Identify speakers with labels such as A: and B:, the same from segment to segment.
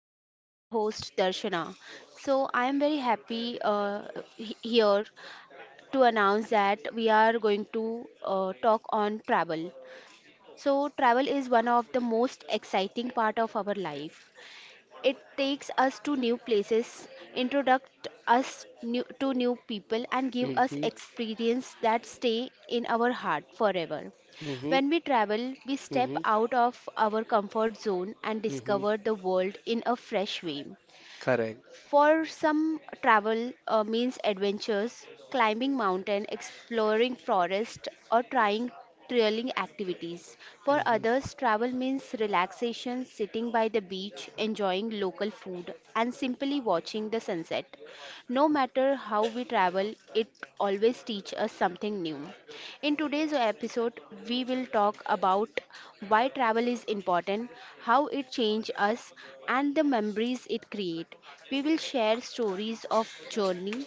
A: I am your host Darshana. So I am very happy Here to announce that we are going to talk on travel. So travel is one of the most exciting part of our life. It takes us to new places, introduct us new, to new people, and give us
B: Mm-hmm.
A: experience that stay in our heart forever.
B: Mm-hmm.
A: When we travel, we step
B: Mm-hmm.
A: out of our comfort zone and
B: Mm-hmm.
A: discover the world in a fresh way.
B: Correct.
A: For some, travel means adventures, climbing mountain, exploring forest, or trying thrilling activities. For
B: Mm-hmm.
A: others, travel means relaxation, sitting by the beach, enjoying local food, and simply watching the sunset. No matter how we travel, it always teaches us something new. In today's episode, we will talk about why travel is important, how it changes us, and the memories it creates. We will share stories of journey,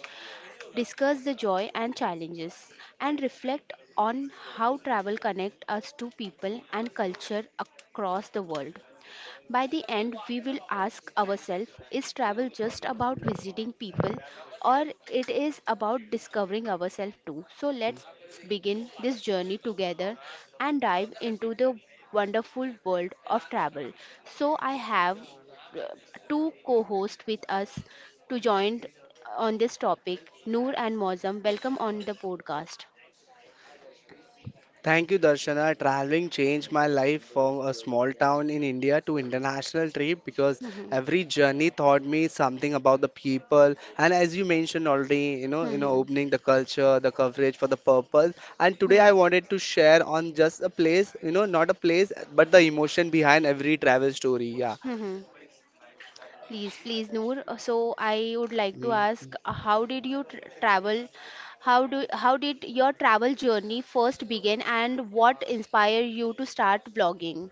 A: discuss the joy and challenges, and reflect on how travel connects us to people and culture across the world. By the end, we will ask ourselves, is travel just about visiting people or it is about discovering ourselves too? So let's begin this journey together and dive into the wonderful world of travel. So I have uh, two co-hosts with us to join on this topic, Noor and Mozam. Welcome on the podcast.
B: Thank you, Darshana. Traveling changed my life from a small town in India to international trip because
A: Mhm.
B: every journey taught me something about the people. And as you mentioned already,
A: Mhm.
B: opening the culture, the coverage for the purpose. And today
A: Mhm.
B: I wanted to share on just a place, not a place, but the emotion behind every travel story.
A: Mhm. Please, please, Noor. So I would like to
B: Yeah.
A: ask, how did you tr travel? How did your travel journey first begin, and what inspired you to start blogging?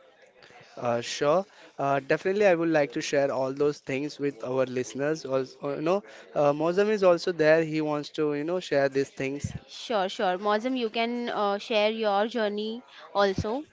B: Sure. Definitely, I would like to share all those things with our listeners. Also, Mozam is also there. He wants to share these things.
A: Sure, sure. Mozum, you can share your journey also.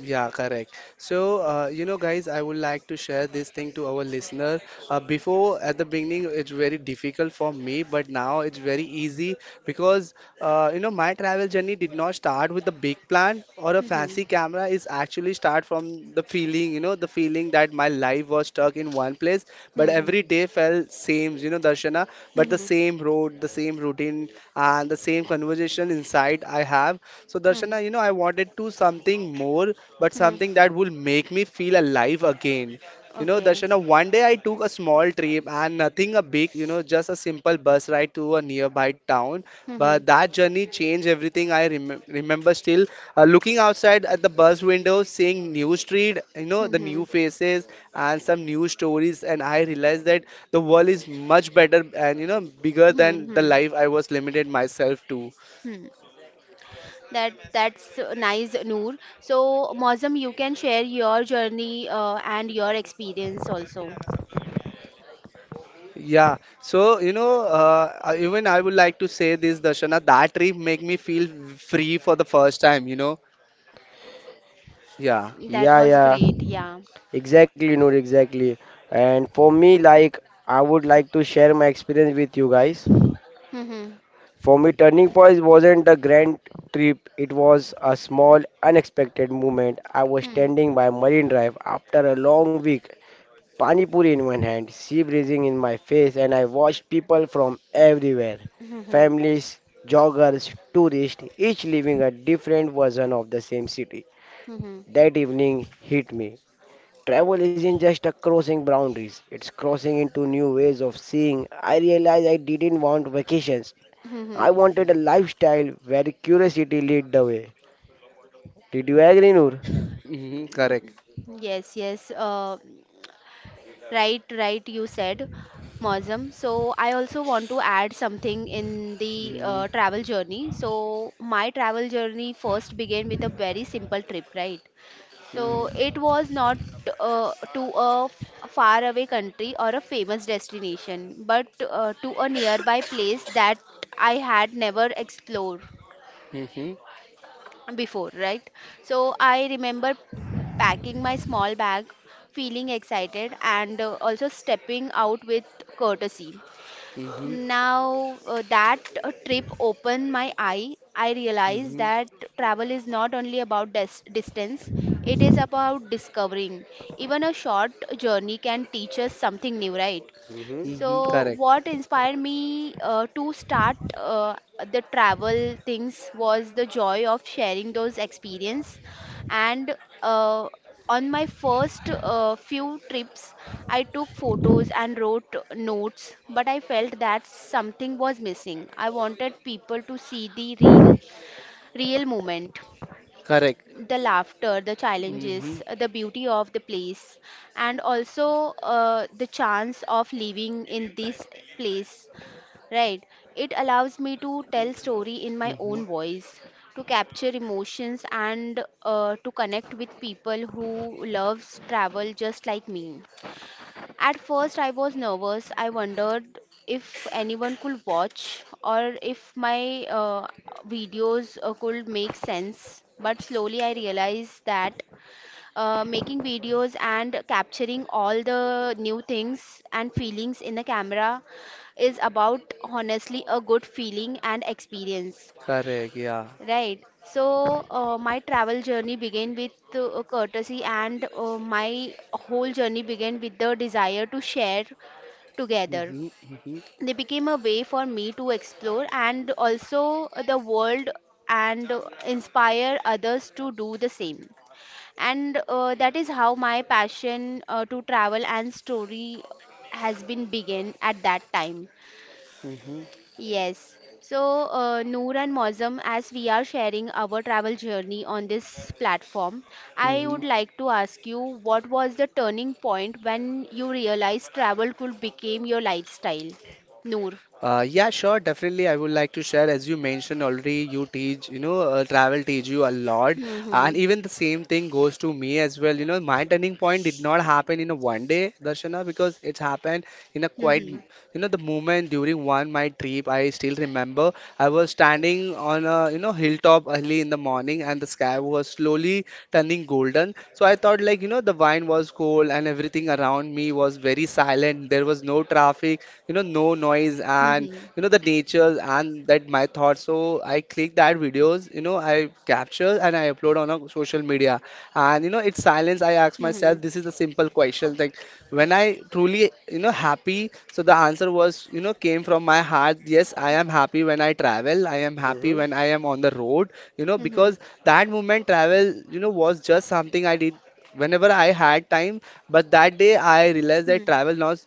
B: Yeah, correct. So, guys, I would like to share this thing to our listener. Before, at the beginning, it's very difficult for me, but now it's very easy because, my travel journey did not start with a big plan or a
A: Mm-hmm.
B: fancy camera. It's actually start from the feeling, the feeling that my life was stuck in one place, but
A: Mm-hmm.
B: every day felt same, Darshana, but the
A: Mm-hmm.
B: same road, the same routine, and the same conversation inside I have. So,
A: Mm-hmm.
B: Darshana, I wanted to something more, but
A: hmm
B: something that will make me feel alive again.
A: Okay.
B: Darshana, one day I took a small trip and nothing a big, just a simple bus ride to a nearby town.
A: Mm-hmm.
B: But that journey changed everything. I remember still, looking outside at the bus window, seeing new street, the
A: Mm-hmm.
B: new faces and some new stories, and I realized that the world is much better and bigger than the
A: Mm-hmm.
B: life I was limited myself to.
A: Hmm. That's nice, Noor. So, Mozum, you can share your journey and your experience also.
B: Yeah, so even I would like to say this, Darshana, that trip make me feel free for the first time. You know. Yeah.
A: That
C: Yeah,
A: was
C: yeah,
A: great, yeah.
C: exactly, Noor, exactly. And for me, like, I would like to share my experience with you guys.
A: Mm-hmm.
C: For me, turning point wasn't a grand trip, it was a small, unexpected moment. I was
A: Mm-hmm.
C: standing by Marine Drive after a long week, pani puri in one hand, sea breezing in my face, and I watched people from everywhere:
A: Mm-hmm.
C: families, joggers, tourists, each living a different version of the same city. That evening hit me. Travel isn't just a crossing boundaries, it's crossing into new ways of seeing. I realized I didn't want vacations. I
A: Mm-hmm.
C: wanted a lifestyle where curiosity lead the way. Did you agree, Noor?
B: Hmm, correct.
A: Mm-hmm. Yes, yes. Right, right, you said, Mozam. So, I also want to add something in the
B: Hmm.
A: travel journey. So, my travel journey first began with a very simple trip, right?
B: Hmm.
A: So it was not to a faraway country or a famous destination, but to a nearby place that I had never explored
B: Hmm.
A: before, right? So I remember packing my small bag, feeling excited, and also stepping out with courtesy.
B: Hmm.
A: Now that trip opened my eye. I realized
B: Hmm.
A: that travel is not only about distance, it is about discovering. Even a short journey can teach us something new, right?
C: Mm-hmm.
B: Hmm,
A: So,
B: correct,
A: what inspired me to start the travel things was the joy of sharing those experience. And uh, on my first few trips, I took photos and wrote notes, but I felt that something was missing. I wanted people to see the real, real moment,
B: correct.
A: the laughter, the
B: Hmm.
A: challenges, the beauty of the place, and also the chance of living in this place, right? It allows me to tell story in my
B: Hmm.
A: own voice, to capture emotions, and to connect with people who loves travel just like me. At first, I was nervous. I wondered if anyone could watch or if my videos could make sense. But slowly, I realized that making videos and capturing all the new things and feelings in the camera is about honestly a good feeling and experience.
B: Correct, yeah.
A: Right. So my travel journey began with courtesy, and my whole journey began with the desire to share together.
B: Hmm. Hmm.
A: They became a way for me to explore and also the world and inspire others to do the same. And that is how my passion to travel and story has been begin at that time.
B: Hmm.
A: Yes. So, Noor and Mozam, as we are sharing our travel journey on this platform, I
B: Hmm.
A: would like to ask you, what was the turning point when you realized travel could become your lifestyle? Noor.
B: Yeah, sure, definitely. I would like to share, as you mentioned already, you teach, travel teach you a lot, and
A: Mhm.
B: even the same thing goes to me as well. You know, my turning point did not happen in a one day, Darshana, because it happened in a quite,
A: Mhm.
B: the moment during one my trip. I still remember I was standing on a, hilltop early in the morning, and the sky was slowly turning golden. So I thought, like, the wine was cold and everything around me was very silent. There was no traffic, no noise,
A: Mhm.
B: and
A: Mhm.
B: the nature and that my thoughts. So I click that videos, I capture and I upload on a social media. And it's silence. I ask myself,
A: Mhm.
B: this is a simple question, like, when I truly happy, so the answer was, came from my heart. Yes, I am happy when I travel, I am happy
C: Mm-hmm.
B: when I am on the road,
A: Mhm.
B: because that moment travel was just something I did whenever I had time, but that day I realized that
A: Mhm.
B: travel not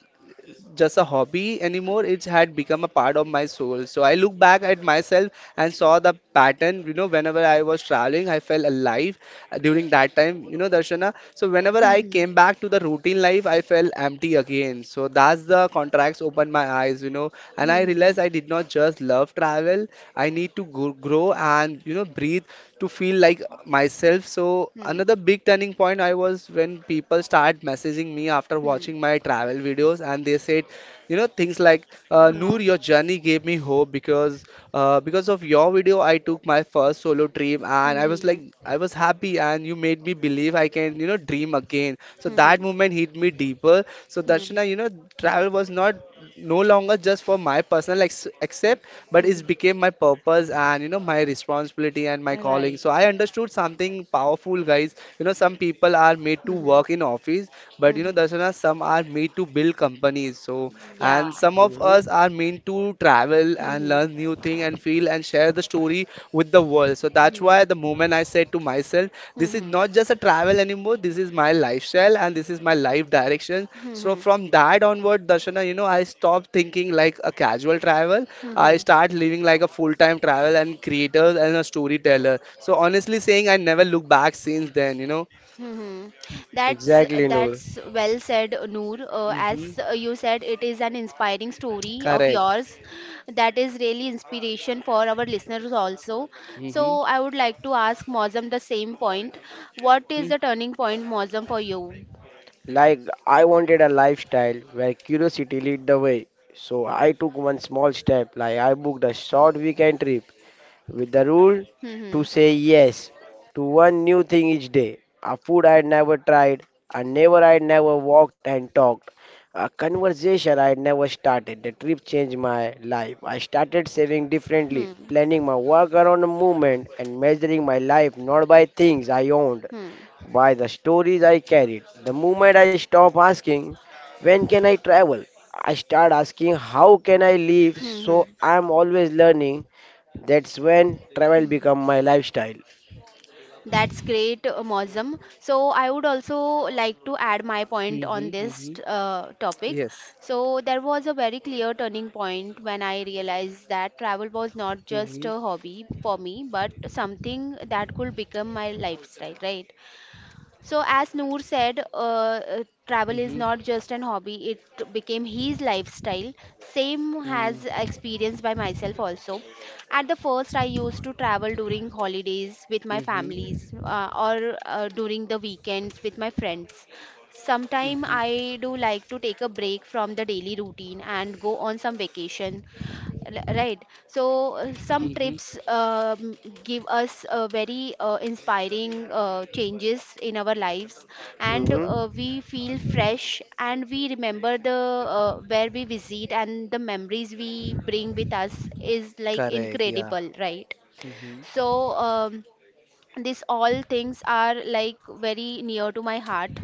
B: just a hobby anymore. It had become a part of my soul. So I look back at myself and saw the pattern. You know, whenever I was traveling, I felt alive during that time. You know, Darshana. So whenever I came back to the routine life, I felt empty again. So that's the contracts opened my eyes, and I
A: Mhm.
B: realized I did not just love travel. I need to go, grow and, breathe to feel like myself. So
A: Mhm.
B: another big turning point I was when people start messaging me after
A: Mhm.
B: watching my travel videos and they said, things like,
A: Huh.
B: Noor, your journey gave me hope because, because of your video, I took my first solo trip, and I was like,
A: Mhm.
B: I was happy, and you made me believe I can, dream again. So that
A: Mhm.
B: moment hit me deeper. So
A: Mhm.
B: Darshana, travel was not, no longer just for my personal ex accept, but
A: Mhm.
B: it became my purpose and, my responsibility and my calling.
A: Right.
B: So I understood something powerful, guys. You know, some people are made to
A: Mhm.
B: work in office, but
A: Mhm.
B: Darshana, some are made to build companies, so,
A: Yeah.
B: and some of us
C: Mm-hmm.
B: are meant to travel and
A: Mhm.
B: learn new thing and feel and share the story with the world. So that's
A: Mhm.
B: why, the moment, I said to myself, this is
A: Mhm.
B: not just a travel anymore, this is my lifestyle and this is my life direction. So
A: Mhm.
B: from that onward, Darshana, I stopped thinking like a casual travel.
A: Mhm.
B: I
A: Mhm.
B: start living like a full-time travel and creator and a storyteller. So honestly saying, I never look back since then.
A: hmm That's
C: Exactly, Noor.
A: that's well said, Noor. Uh, as
B: Hmm.
A: uh, you said, it is an inspiring story of
B: Correct.
A: yours that is really inspiration for our listeners also. So
B: Hmm.
A: I would like to ask Mozam the same point. What is
B: Hmm.
A: the turning point, Mozam, for you?
C: Like I wanted a lifestyle where curiosity lead the way. So I took one small step, like I booked a short weekend trip with the rule to
A: Hmm.
C: say yes to one new thing each day. A food I had never tried, a neighbor I had never walked and talked, a conversation I had never started. The trip changed my life. I started saving differently,
A: Hmm.
C: planning my work around the movement, and measuring my life not by things I owned,
A: Hmm.
C: by the stories I carried. The moment I stop asking, when can I travel? I start asking, how can I live?
A: Hmm. Hmm.
C: So I'm always learning, that's when travel
A: Hmm.
C: become my lifestyle.
A: That's great, Mosam. So I would also like to add my point
B: Hmm.
A: on this
B: Hmm.
A: topic.
B: Yes.
A: So there was a very clear turning point when I realized that travel was not just
B: Mm-hmm.
A: a hobby for me, but something that could become my lifestyle, right? So, as Noor said, travel is
B: Mhm.
A: not just an hobby, it became his lifestyle. Same has
B: Mm.
A: experienced by myself also. At the first, I used to travel during holidays with my
B: Mhm.
A: families or during the weekends with my friends. Sometime
B: Mhm.
A: I do like to take a break from the daily routine and go on some vacation. Right. So uh, some
B: Mhm.
A: trips um, give us very inspiring changes in our lives, and
C: hmm
A: we feel fresh, and we remember the where we visit and the memories we bring with us is like
B: Correct, yeah.
A: incredible, right?
B: Mhm.
A: So these all things are like very near to my heart,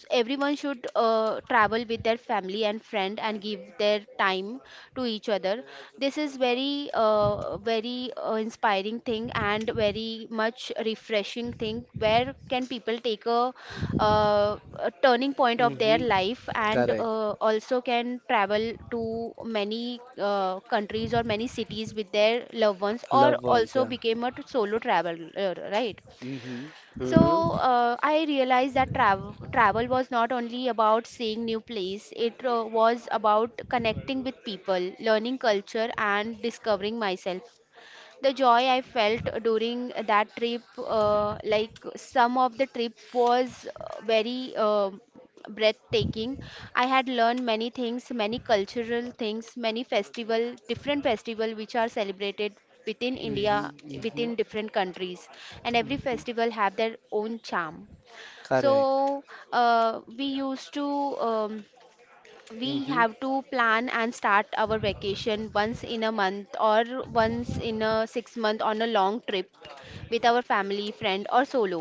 A: so everyone should travel with their family and friend and give their time to each other. This is very inspiring thing and very much refreshing thing. Where can people take uh, a turning point of their
B: Mhm.
A: life and
B: Correct.
A: also can travel to many countries or many cities with their loved ones or
B: Loved ones,
A: also
B: yeah.
A: became a solo traveler, right?
B: Mhm.
C: hmm
A: So I realized that travel was not only about seeing new place. It was about connecting with people, learning culture, and discovering myself, the joy I felt during that trip. Like some of the trip was very breathtaking. I had learned many things, many cultural things, many festival, different festival which are celebrated within India,
B: Mhm. Mhm.
A: within different countries, and every festival have their own charm.
B: Correct.
A: So we used to. Um, we
B: Mhm.
A: have to plan and start our vacation once in a month or once in a 6 month on a long trip with our family friend or solo.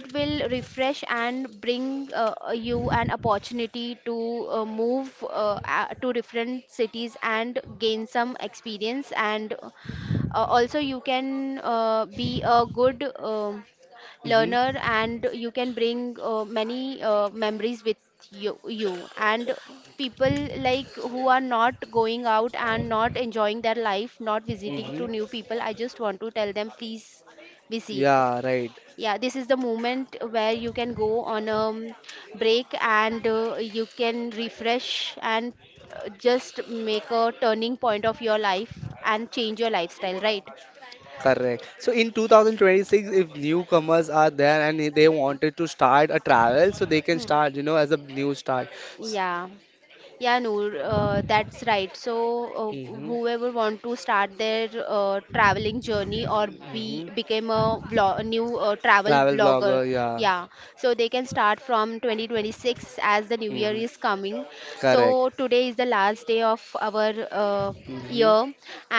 A: It will refresh and bring you an opportunity to move to different cities and gain some experience, and also you can be a good
B: Mhm.
A: learner, and you can bring many memories with you and people like who are not going out and not enjoying their life, not visiting
B: Mhm.
A: to new people. I just want to tell them, please visit.
B: Yeah, right.
A: Yeah, this is the moment where you can go on a break and you can refresh, and just make a turning point of your life and change your lifestyle, right?
B: Correct. So in 2026, if newcomers are there and they wanted to start a travel, so they can start, as a new start. S-
A: Yeah. Yeah, Noor, that's right. So,
B: Mhm.
A: whoever want to start their traveling journey or be
B: Mhm.
A: became a, vlog, a new travel
B: Travel
A: vlogger,
B: vlogger, yeah.
A: yeah, so they can start from 2026 as the new year
B: Mhm.
A: is coming. So
B: Correct.
A: today is the last day of our
B: Mhm.
A: year,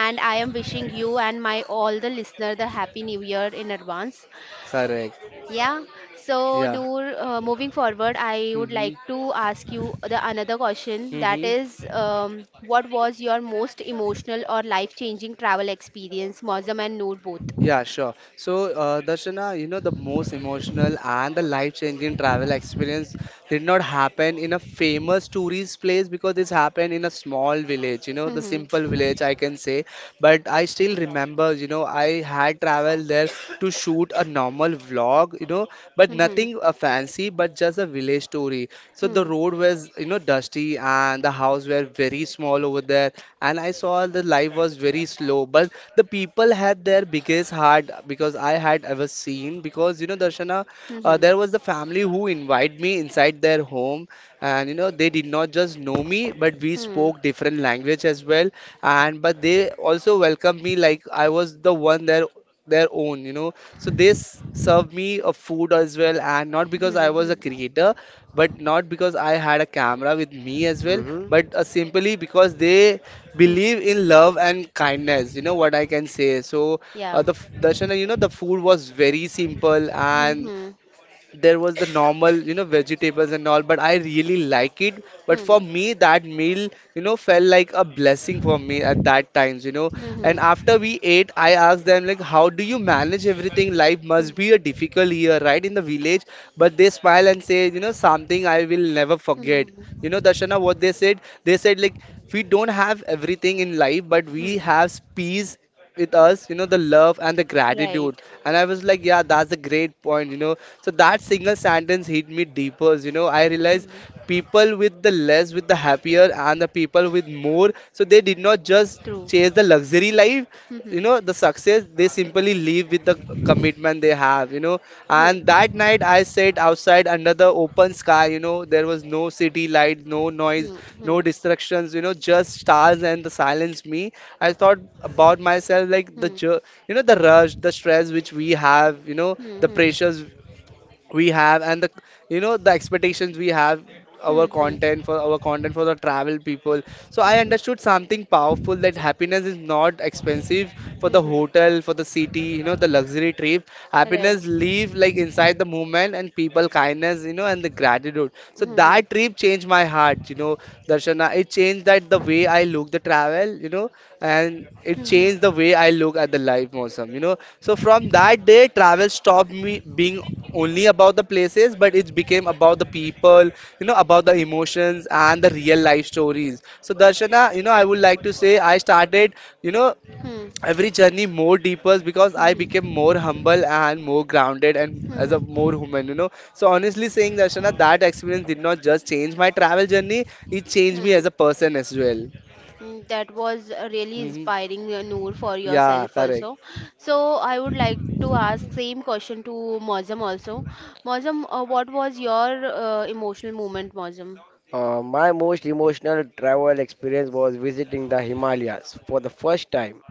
A: and I am wishing you and my all the listener the happy new year in advance.
B: Correct.
A: Yeah. So,
B: Yeah.
A: Noor, moving forward, I would like
B: Mm-hmm.
A: to ask you the another question. That
B: Mm-hmm.
A: is, what was your most emotional or life-changing travel experience, Mozam and Noor both?
B: Yeah, sure. So, Darshana, the most emotional and the life-changing travel experience did not happen in a famous tourist place, because this happened in a small village, the
A: Hmm.
B: simple village, I can say. But I still remember, I had traveled there to shoot a normal vlog, but
A: Hmm. Hmm.
B: nothing fancy, but just a village story. So the
A: Hmm.
B: road was, dusty and the house were very small over there. And I saw the life was very slow, but the people had their biggest heart because I had ever seen. Because, Darshana,
A: Hmm.
B: there was the family who invited me inside their home, and they did not just know me, but we
A: Hmm. Hmm.
B: spoke different language as well, and but they also welcomed me like I was the one, their own, so they served me a food as well, and not because
A: Hmm.
B: I
A: hmm,
B: was a
A: hmm,
B: creator, but not because I had a camera with me as well,
C: hmm
B: but simply because they
A: hmm.
B: believe in love and kindness, you know what I can say. So,
A: Yeah.
B: Darshana, the food was very simple,
A: Hmm.
B: and
A: Hmm.
B: there was the normal, vegetables and all, but I really like it. But
A: Hmm.
B: for me, that meal, felt like a blessing for me at that times,
A: Hmm.
B: and
A: Hmm.
B: after we ate, I asked them, like, how do you manage everything? Life must
A: Hmm.
B: be a difficult year, right, in the village? But they smile and say, something I will never
A: hmm,
B: forget.
A: hmm,
B: Darshana, what they said like, we don't have everything in life, but we
A: hmm.
B: have peace with us, the love and the gratitude.
A: Right.
B: And I was like, yeah, that's a great point, so that single sentence hit me deeper. I realized
A: Hmm.
B: people with the less with the happier, and the people with more, so they did not just
A: True.
B: chase the luxury life,
A: Hmm. Hmm.
B: the success, they simply live with the commitment they have.
A: Hmm.
B: And that night I sat outside under the open sky, there was no city lights, no noise, no
A: Hmm.
B: distractions, just stars and the silence me. I thought about myself, like,
A: Hmm.
B: the,
A: Hmm. Hmm.
B: the rush, the stress which we have,
A: Hmm.
B: the
A: Hmm.
B: pressures we have and the you know the expectations we have,
A: Hmm.
B: our
A: Hmm.
B: content for our content for the travel people. So I
A: Hmm.
B: understood something powerful, that happiness is not expensive for the
A: Hmm.
B: hotel, for the city, the luxury trip.
A: Right.
B: Happiness live like inside the movement and people kindness, and the gratitude. So
A: Mm-hmm.
B: that trip changed my heart. Darshana, it changed that the way I look the travel, and it
A: Mm-hmm.
B: changed the way I look at the life, Mosam, so from that day travel stopped me being only about the places, but it became about the people, about the emotions and the real life stories. So Darshana, I would like to say, I started, you know
A: Mm-hmm.
B: every journey more deeper, because I
A: Mm-hmm.
B: became more humble and more grounded and as a
A: Mm-hmm.
B: more human, so honestly saying, Darshana, that experience did not just change my travel journey, it changed me
A: Mm,
B: as a person as well.
A: Mm, that was really
B: Hmm,
A: inspiring, Noor, for
B: yeah,
A: yourself
B: correct.
A: also. So I would like to ask same question to Mozam also. Mozam, what was your emotional moment, Mozam?
C: My most emotional travel experience was visiting the Himalayas for the first time.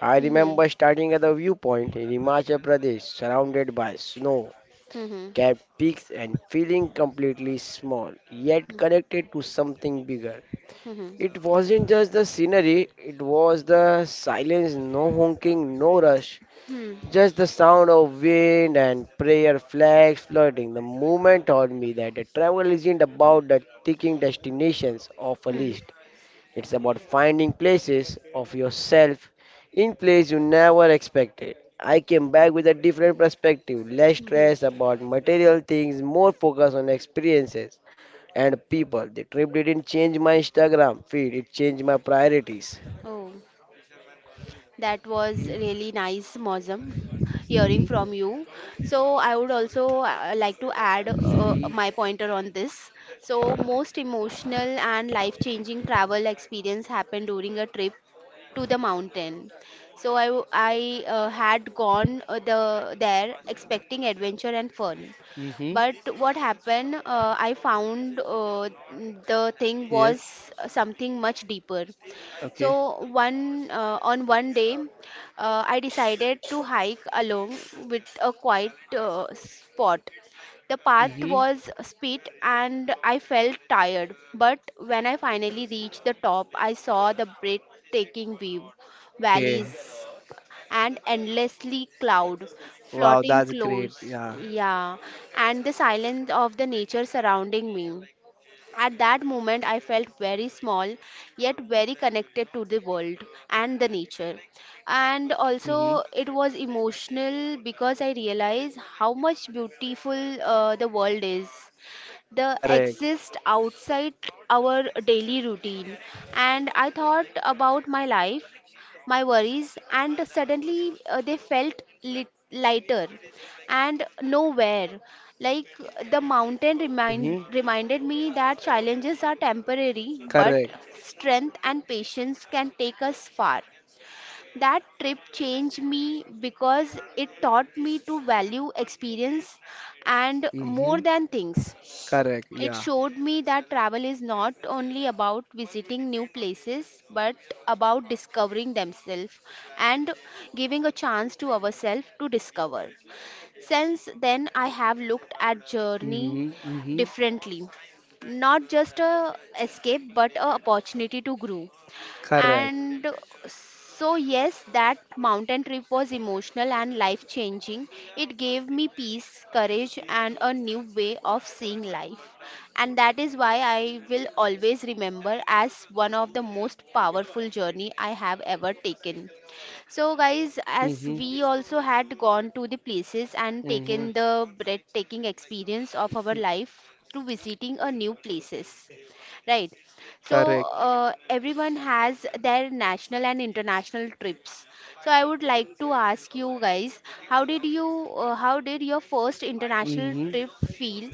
C: I
A: Mm-hmm.
C: remember starting at the viewpoint in Himachal Pradesh, surrounded by snow,
A: Mm-hmm.
C: capped peaks, and feeling completely small, yet connected to something bigger.
A: Mm-hmm.
C: It wasn't just the scenery, it was the silence, no honking, no rush.
A: Mm-hmm.
C: Just the sound of wind and prayer flags floating. The movement taught me that the travel isn't about the ticking destinations of a list.
A: Mm-hmm.
C: It's about finding places of yourself in place you never expected. I came back with a different perspective, less stress
A: Mm-hmm.
C: about material things, more focus on experiences and people. The trip didn't change my Instagram feed, it changed my priorities.
A: Oh. That was
B: Hmm.
A: really nice, Mozam, hearing
B: Hmm.
A: from you. So, I would also like to add
B: Hmm.
A: my pointer on this. So, most emotional and life-changing travel experience happened during a trip to the mountain. So, I had gone there expecting adventure and fun.
B: Hmm.
A: But what happened, I found the thing was
B: Yes.
A: something much deeper.
B: Okay.
A: So one on one day, I decided to hike along with a quiet spot. The path
B: Hmm.
A: was steep and I felt tired, but when I finally reached the top, I saw the breathtaking view,
B: Okay.
A: valleys and endlessly cloud
B: Wow,
A: floating
B: that's great.
A: close,
B: Yeah.
A: yeah, and the silence of the nature surrounding me. At that moment, I felt very small, yet very connected to the world and the nature. And
B: Mm-hmm.
A: also, it was emotional because I realized how much beautiful the world is. The
B: Correct.
A: exist outside our daily routine. And I thought about my life, my worries, and suddenly they felt lighter and nowhere. Like the
B: Mm-hmm.
A: reminded me that challenges are temporary, but
B: Correct.
A: strength and patience can take us far. That trip changed me because it taught me to value experience and more
B: Mm-hmm.
A: than things.
B: Correct.
A: It
B: Yeah.
A: showed me that travel is not only about visiting new places, but about discovering themselves and giving a chance to ourselves to discover. Since then, I have looked at journey
B: Mm-hmm. Mm-hmm.
A: differently, not just a escape, but a opportunity to grow.
B: Correct.
A: And so, yes, that mountain trip was emotional and life changing. It gave me peace, courage, and a new way of seeing life. And that is why I will always remember as one of the most powerful journey I have ever taken. So, guys, as
B: Mm-hmm.
A: we also had gone to the places and
B: Mm-hmm.
A: taken the breathtaking experience of our life to visiting a new places, right? So
B: Correct.
A: everyone has their national and international trips. So I would like to ask you guys, how did your first international
B: Mm-hmm.
A: trip feel,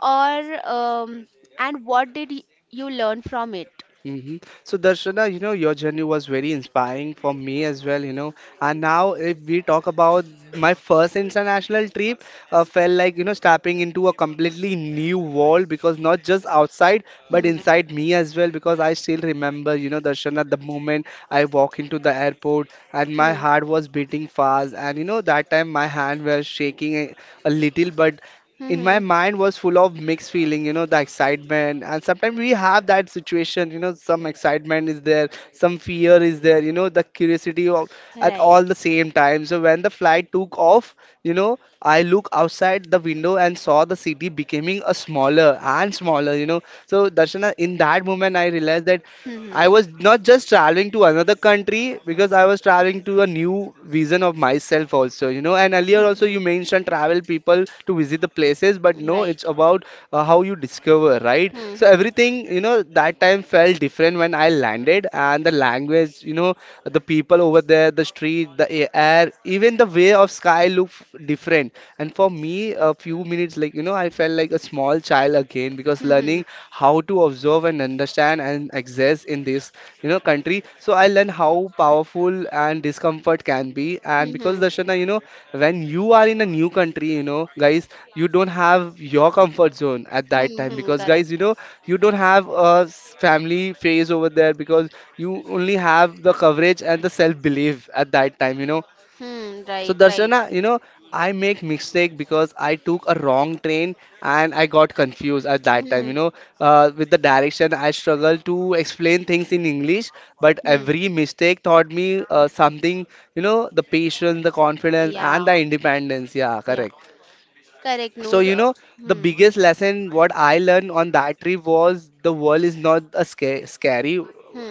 A: or and what did you learn from it?
B: hmm So Darshana, you know, your journey was very inspiring for me as well, you know. And now if we talk about my first international trip, felt like, you know, stepping into a completely new world because not just outside but
A: Mhm.
B: inside me as well because I still remember, you know, Darshana, the moment I walk into the airport and my
A: Hmm.
B: heart was beating fast and you know that time my hand was shaking a little but in my
A: Hmm.
B: mind was full of mixed feeling, you know, the excitement. And sometimes we have that situation, you know, some excitement is there, some fear is there, you know, the curiosity of, at
A: Right.
B: all the same time. So when the flight took off, you know, I look outside the window and saw the city becoming a smaller and smaller, you know. So Darshana, in that moment I realized that
A: Hmm.
B: I was not just traveling to another country because I was traveling to a new vision of myself also, you know. And earlier also
A: Hmm.
B: you mentioned travel people to visit the places, but no,
A: Right.
B: it's about how you discover, right? So
A: Hmm.
B: everything, you know, that time felt different when I landed, and the language, you know, the people over there, the street, air, even the way of sky looked different. And for me, a few minutes, like you know, I felt like a small child again because
A: Hmm.
B: learning how to observe and understand and exist in this, you know, country. So I learned how powerful and discomfort can be. And because
A: Hmm.
B: Darshana, you know, when you are in a new country, you know, guys, you don't have your comfort zone at that
A: Hmm.
B: time
A: Hmm.
B: because guys, you
A: Correct.
B: know, you don't have a family phase over there because you only have the coverage and the self belief at that time, you know.
A: Hmm.
B: So
A: Right. Right.
B: Darshana, you know, I make mistake because I took a wrong train and I got confused at that time. You
A: Hmm.
B: know, with the direction, I struggled to explain things in English, but
A: Hmm.
B: every mistake taught me something. You know, the patience, the confidence, and
A: Yeah.
B: the independence. Yeah,
A: Yeah.
B: correct.
A: Correct,
B: So,
A: Noor.
B: you know, the
A: Hmm.
B: biggest lesson what I learned on that trip was the world is not scary,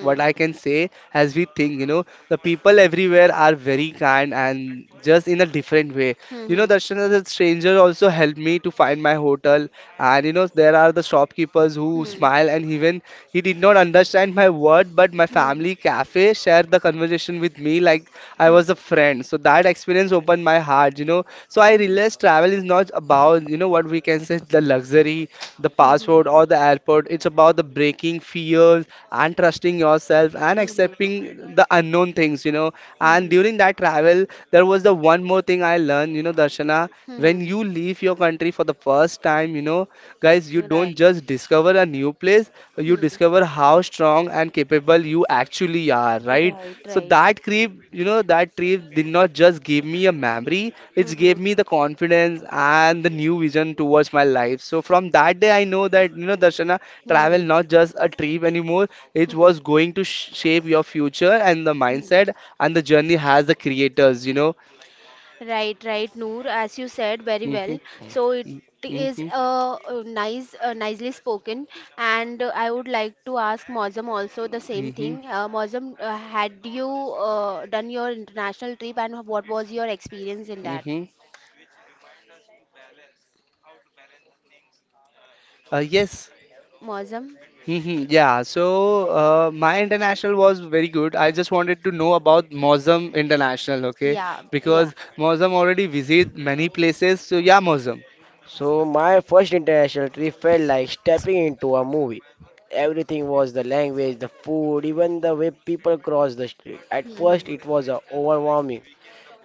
B: what I can say, as we think, you know, the people everywhere are very kind and just in a different way. You know,
A: Hmm.
B: Darshana, the stranger also helped me to find my hotel. And you know, there are the shopkeepers who
A: Hmm.
B: smile and even he did not understand my word, but my
A: Hmm.
B: family cafe shared the conversation with me like I
A: Hmm.
B: was a friend. So that experience opened my heart, you know. So I
A: Hmm.
B: realized travel is not about, you know, what we can say the luxury, the
A: Hmm. Hmm. Hmm.
B: passport or the airport. It's about the breaking fears and trusting yourself and
A: Hmm.
B: accepting the unknown things, you know. And
A: Hmm.
B: during that travel, there was the one more thing I learned, you know, Darshana,
A: Hmm.
B: when you leave your country for the first time, you know, guys, you
A: Hmm.
B: don't
A: Right.
B: just discover a new place, you
A: Hmm.
B: discover how strong and capable you actually are, right?
A: Right.
B: So
A: Right.
B: that trip, you know, that trip did not just give me a memory,
A: Hmm.
B: it
A: Hmm.
B: gave me the confidence and the new vision towards my life. So from that day, I know that, you know, Darshana,
A: Hmm.
B: travel
A: Hmm.
B: not just a trip anymore, it
A: Hmm,
B: was going to shape your future and the
A: hmm.
B: mindset and the journey has the creators, you know.
A: Right. Right, Noor. As you said very
B: Mhm.
A: well. So it is
B: Mm-hmm,
A: nice, nicely spoken. And I would like to ask Mozam also the same
B: mm-hmm,
A: thing. Mozam, had you done your international trip, and what was your experience in that?
B: mm-hmm. Yes.
A: Mozum?
B: Mm-hmm, yeah. So my international was very good. I just wanted to know about Mozum International, okay?
A: Yeah, yeah.
B: Because Mozum already visit many places. So yeah, Mozum.
C: So my first international trip felt like stepping into a movie. Everything was the language, the food, even the way people crossed the street. At
A: Hmm,
C: first it was overwhelming.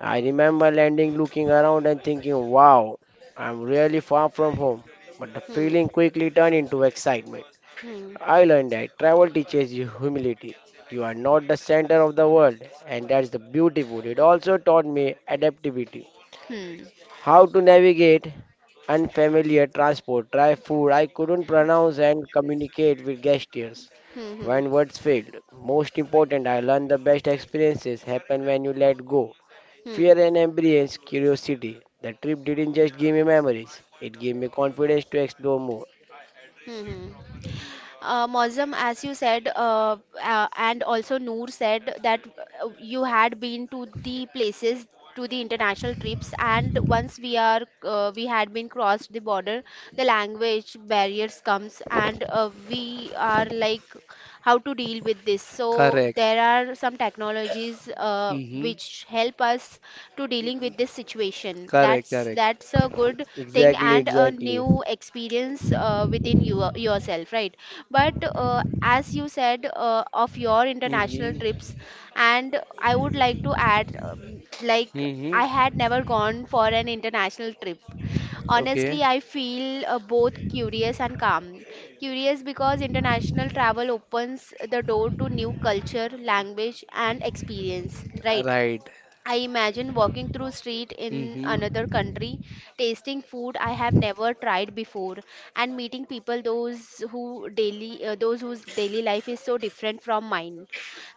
C: I remember landing, looking around and thinking, wow, I'm really far from home. But the
A: hmm,
C: feeling quickly turned into excitement.
A: hmm,
C: I learned that travel teaches you humility. You are not the center of the world, and that's the beautiful. It also taught me adaptability.
A: hmm, hmm,
C: How to navigate unfamiliar transport, try food I couldn't pronounce and communicate with gestures
A: hmm, hmm,
C: when words failed. Most important, I learned the best experiences happen when you let go.
A: hmm,
C: Fear and embrace curiosity. The trip didn't just give me memories, it gave me confidence to explore more.
A: hmm, hmm. Mozam, as you said, and also Noor said that you had been to the places to the international trips, and once we are we had been crossed the border, the language barriers comes, and we are like how to deal with this. So
B: Correct.
A: there are some technologies
B: Mm-hmm.
A: which help us to dealing with this situation.
B: Correct.
A: That's
B: Correct.
A: that's a good thing
C: Exactly,
A: and a
C: exactly.
A: new experience within you yourself, right? But as you said of your international
B: Mm-hmm.
A: trips, and I would like to add, like
B: Mm-hmm.
A: I had never gone for an international trip. Honestly,
B: Okay.
A: I feel both curious and calm. Curious because international travel opens the door to new culture, language, and experience, right?
B: Right.
A: I imagine walking through street in
B: Mm-hmm.
A: another country, tasting food I have never tried before, and meeting people those whose daily life is so different from mine.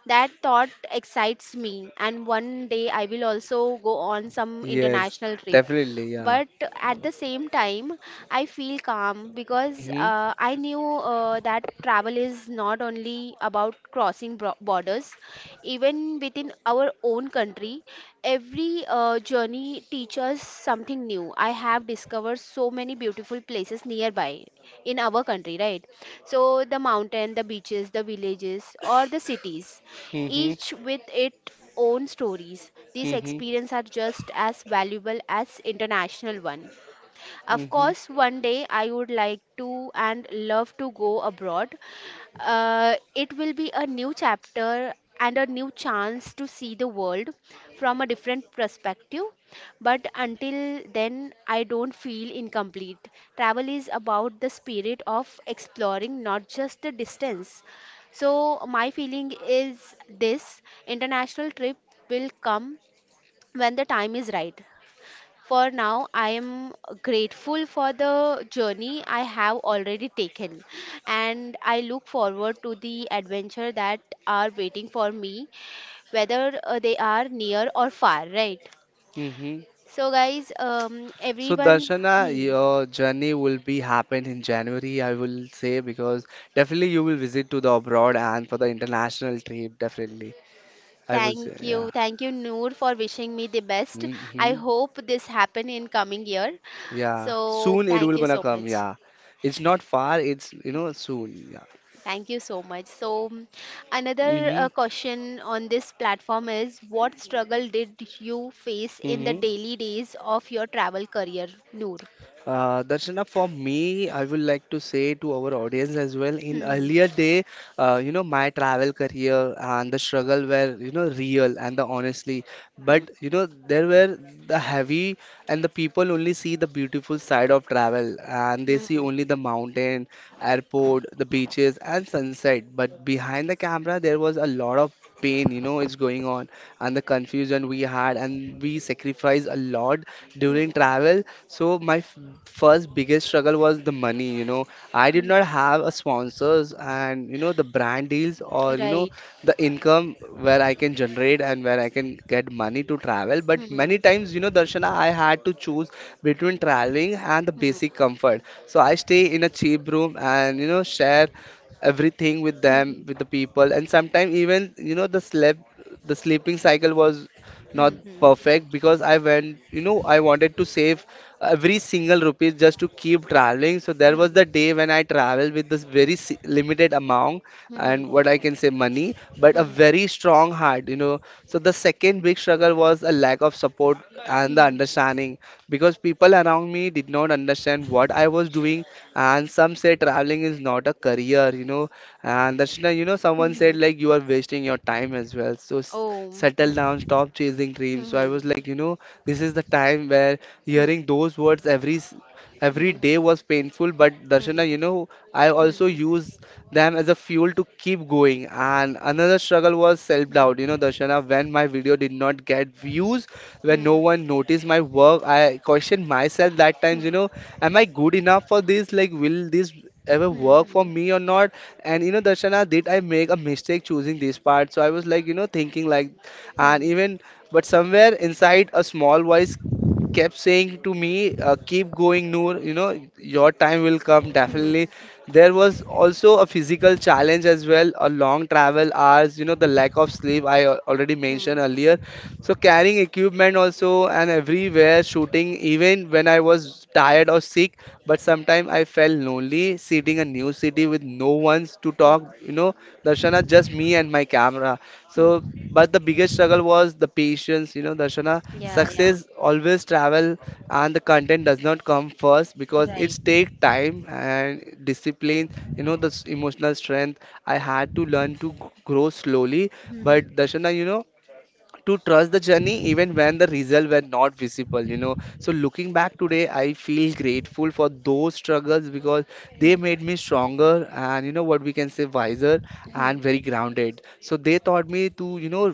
A: That thought excites me, and one day I will also go on some
B: Yes.
A: international trip.
B: Definitely. Yeah.
A: But at the same time, I feel calm because
B: Mm-hmm.
A: I knew that travel is not only about crossing borders, even within our own country. Every journey teaches something new. I have discovered so many beautiful places nearby in our country, right? So the mountain, the beaches, the villages, or the cities,
B: Mm-hmm.
A: each with its own stories. These
B: Mm-hmm.
A: experiences are just as valuable as international one. Of course, one day I would like to and love to go abroad. It will be a new chapter and a new chance to see the world from a different perspective. But until then, I don't feel incomplete. Travel is about the spirit of exploring, not just the distance. So, my feeling is this international trip will come when the time is right. For now, I am grateful for the journey I have already taken, and I look forward to the adventure that are waiting for me, whether they are near or far, right?
B: Mm-hmm.
A: So, guys,
B: So
A: everyone,
B: Darshana,
A: hmm,
B: your journey will be happen in January, I will say, because definitely you will visit to the abroad and for the international trip, definitely. I will say, yeah.
A: thank you, Noor, for wishing me the best. I
B: Hmm.
A: hope this happen in coming year.
B: Yeah.
A: So,
B: Soon it
A: thank
B: will
A: you
B: gonna
A: so
B: come,
A: much.
B: yeah. It's not far, it's you know, soon, yeah.
A: Thank you so much. So, mm, another
B: Mm-hmm.
A: question on this platform is what struggle did you face in the
B: Mm-hmm.
A: daily days of your travel career, Noor?
B: That's enough for me. I would like to say to our audience as well. In
A: Hmm,
B: earlier day, you know, my travel career and the struggle were, you know, real and the honestly.
A: hmm,
B: But you know, there were the heavy and the people only see the beautiful side of travel and they see
A: hmm,
B: only the mountain, airport, the beaches, and sunset. But behind the camera, there was a lot of pain, you know, it's going on, and the confusion we had, and we sacrificed a lot during
A: hmm,
B: travel. So first biggest struggle was the money, you know. I did
A: hmm,
B: not
A: hmm.
B: have a sponsors and you know the brand deals or you know
A: Right.
B: the income where I can generate and where I can get money to travel. But
A: Hmm, hmm,
B: many times, you know, Darshana, I had to choose between traveling and the
A: hmm,
B: basic comfort. So I stay in a cheap room and, you know, share everything with
A: hmm, hmm,
B: them, with the people. And sometimes even, you know, the sleep, the sleeping cycle was
A: hmm,
B: not
A: hmm, hmm,
B: perfect because I went, you know, I wanted to save every single rupees just to keep traveling. So there was the day when I traveled with this very limited amount and what I can say money, but
A: hmm,
B: a
A: hmm, hmm.
B: very strong heart, you know. So the second big struggle was a lack of support and the understanding because people around me did not understand what I was doing, and some said traveling is not a career, you know. And Darshana, you know, someone said like you are wasting your time as well. So
A: Oh.
B: settle
A: Hmm,
B: down, stop chasing
A: hmm,
B: dreams. So I
A: hmm,
B: was like, you know, this is the time where
A: hmm, hmm,
B: hearing those words
A: hmm, hmm,
B: every
A: hmm,
B: day
A: hmm,
B: was painful. But Darshana, you know, I also use them as a fuel to keep going. And another struggle was self doubt. You know, Darshana, when my video did not get views, when no one noticed my work, I questioned myself that times, you
A: hmm,
B: know, am I good enough for this? Like, will this ever work for
A: hmm,
B: me or not? And you know, Darshana, did I make a mistake choosing this part? So I was like, you know, thinking like, and
A: hmm,
B: even, but somewhere inside a small voice kept saying to me, keep going, Noor, you know, your time will come
A: hmm,
B: definitely.
A: hmm.
B: There was also a physical challenge as well, a long travel hours, you know, the lack of sleep I already mentioned
A: Hmm.
B: earlier, so carrying equipment also and everywhere shooting even when I was tired or sick, but sometimes I felt lonely sitting a new city with no one's to
A: Hmm.
B: talk, you know,
A: Hmm.
B: Darshana,
A: Hmm.
B: just me and my camera.
A: Hmm.
B: So but the biggest struggle was the patience, you know, Darshana,
A: Yeah. Yeah.
B: success always travel and the content does not come first because
A: Right.
B: it takes time and discipline, you know, emotional strength I had to learn to grow slowly.
A: Hmm.
B: But Darshana, you know, to trust the journey even when the results were not visible, you know. So looking back today I feel grateful for those struggles because
A: Hmm.
B: they made me stronger and you know what we can say wiser
A: Hmm.
B: and very grounded. So they taught me to, you know,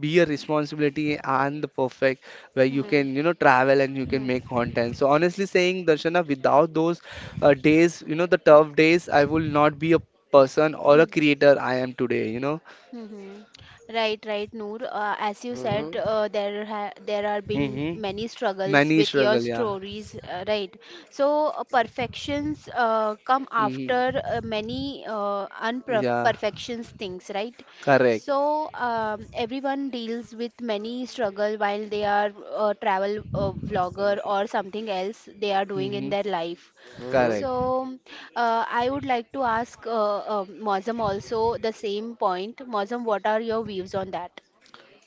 B: be a responsibility and the perfect where you
A: Hmm.
B: can, you know, travel and you can
A: Hmm.
B: make content. So honestly saying Darshana, without those days, you know, the tough days, I will not be a person or a
A: Hmm.
B: creator I am today, you know.
A: Mm-hmm. Right, right, Noor. As you
C: hmm
A: said, there are been
B: Hmm.
A: many struggles
B: Many
A: with your
B: struggle, yeah.
A: stories, right? So perfections come
B: Mm,
A: after many
B: yeah,
A: unperfections things, right?
B: correct.
A: So everyone deals with many struggle while they are travel vlogger or something else they are doing in
B: Hmm.
A: their life.
B: Correct.
C: hmm
A: So, I would like to ask Mozam also the same point. Mozam, what are your views on that?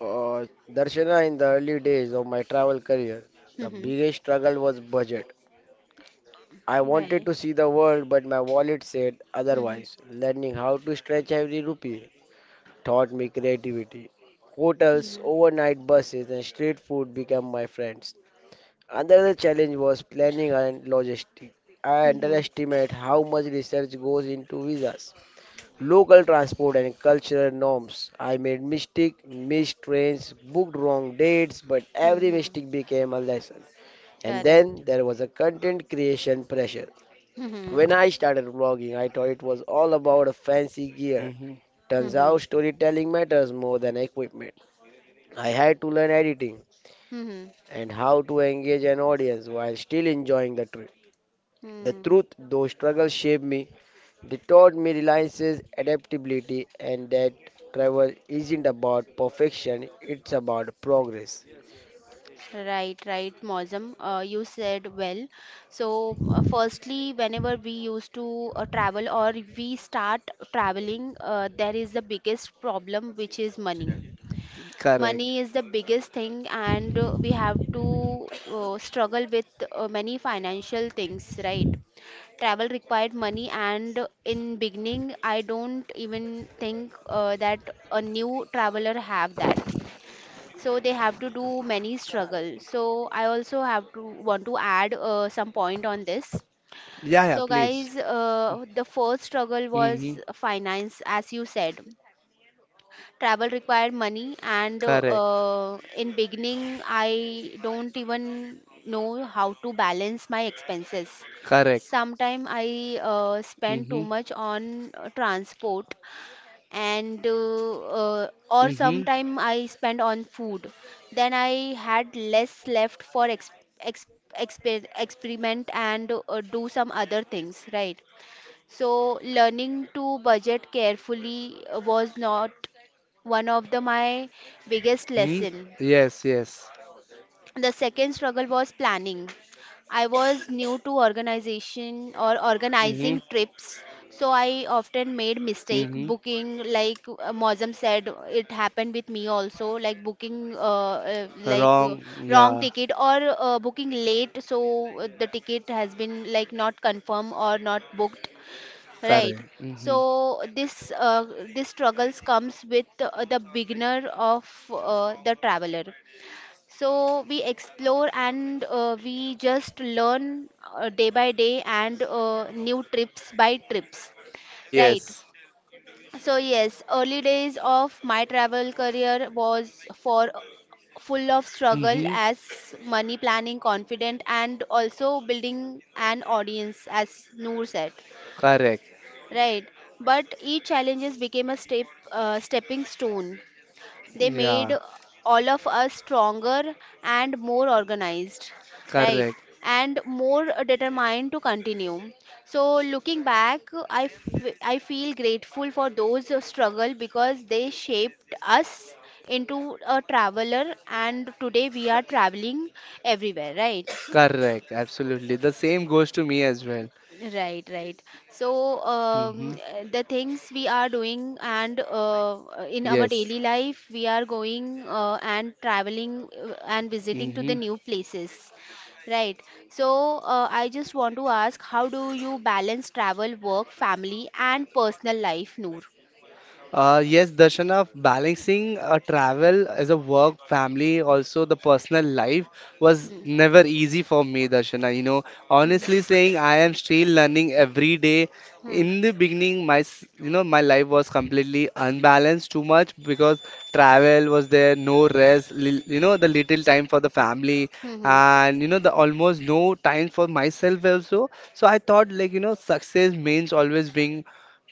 C: Darshana, in the early days of my travel career, the
A: Mm-hmm.
C: biggest struggle was budget. I wanted
A: Right.
C: to see the world, but my wallet said otherwise.
A: Mm-hmm.
C: Learning how to stretch every rupee taught me creativity. Hotels,
A: Mm-hmm.
C: overnight buses, and street food became my friends. Another challenge was planning and logistics. I
A: Mm-hmm.
C: underestimate how much research goes into visas, local transport, and cultural norms. I made mistakes, missed trains, booked wrong dates, but every
A: Mm-hmm.
C: mistake became a lesson. And
A: Correct.
C: then there was a content creation pressure. When
A: Mm-hmm.
C: I started vlogging, I thought it was all about a fancy gear.
B: Hmm.
C: Turns
A: Mm-hmm.
C: out storytelling matters more than equipment. I had to learn editing
A: Mm-hmm.
C: and how to engage an audience while still enjoying the trip. The
A: Hmm.
C: truth, those struggles shaped me. They taught me reliances, adaptability, and that travel isn't about perfection, it's about progress.
A: Right, right, Mozam. You said well. So, firstly, whenever we used to travel or we start traveling, there is the biggest problem, which is money.
B: Correct.
A: Money is the biggest thing, and we have to struggle with many financial things, right? Travel required money, and in beginning, I don't even think that a new traveler have that. So they have to do many struggle. So I also have to want to add some point on this.
B: Yeah, yeah,
A: So
B: please.
A: guys, the first struggle was
B: Hmm.
A: finance, as you said travel required money and
B: Correct.
A: in beginning I don't even know how to balance my expenses.
B: Correct.
A: Sometimes I spend too
B: Hmm.
A: much on transport and or
B: Hmm.
A: sometime I spend on food, then I had less left for ex- experiment and do some other things, right? So learning to budget carefully was not one of the my biggest
B: Hmm.
A: lesson.
B: Yes, yes.
A: The second struggle was planning. I was new to organization or
B: Hmm.
A: organizing trips, so I often made mistake
B: Hmm.
A: booking. Like Mozam said, it happened with me also. Like booking, like
B: Wrong.
A: wrong
B: Yeah,
A: ticket or booking late, so the ticket has been like not confirmed or not booked. Right.
B: correct. Hmm.
A: So this struggles comes with the beginner of the traveler. So we explore and we just learn day by day and new trips by trips. Right.
B: Yes.
A: So yes, early days of my travel career was for full of struggle
B: Hmm.
A: as money planning confident and also building an audience as Noor said.
B: Correct.
A: Right, but each challenges became a step, stepping stone. They made
B: Yeah,
A: all of us stronger and more organized, right,
B: correct.
A: and more determined to continue. So, looking back, I feel grateful for those struggle because they shaped us into a traveler, and today we are traveling everywhere, right?
B: Correct. Absolutely. The same goes to me as well.
A: Right, right. So
B: Hmm.
A: the things we are doing and in our
B: Yes.
A: daily life, we are going and traveling and visiting to the
B: Hmm.
A: new places. Right. So I just want to ask, how do you balance travel, work, family, and personal life, Noor?
B: Yes, Darshana, balancing a travel as a work, family, also the personal life was
A: Hmm.
B: never easy for me, Darshana. You know,
A: Hmm.
B: honestly saying, I am still learning every day.
A: Hmm.
B: In the beginning, you know my life was completely unbalanced too much because travel was there, no rest, li you know the little time for the family,
A: Hmm.
B: and you know the almost no time for myself also. So I thought like you know success means always being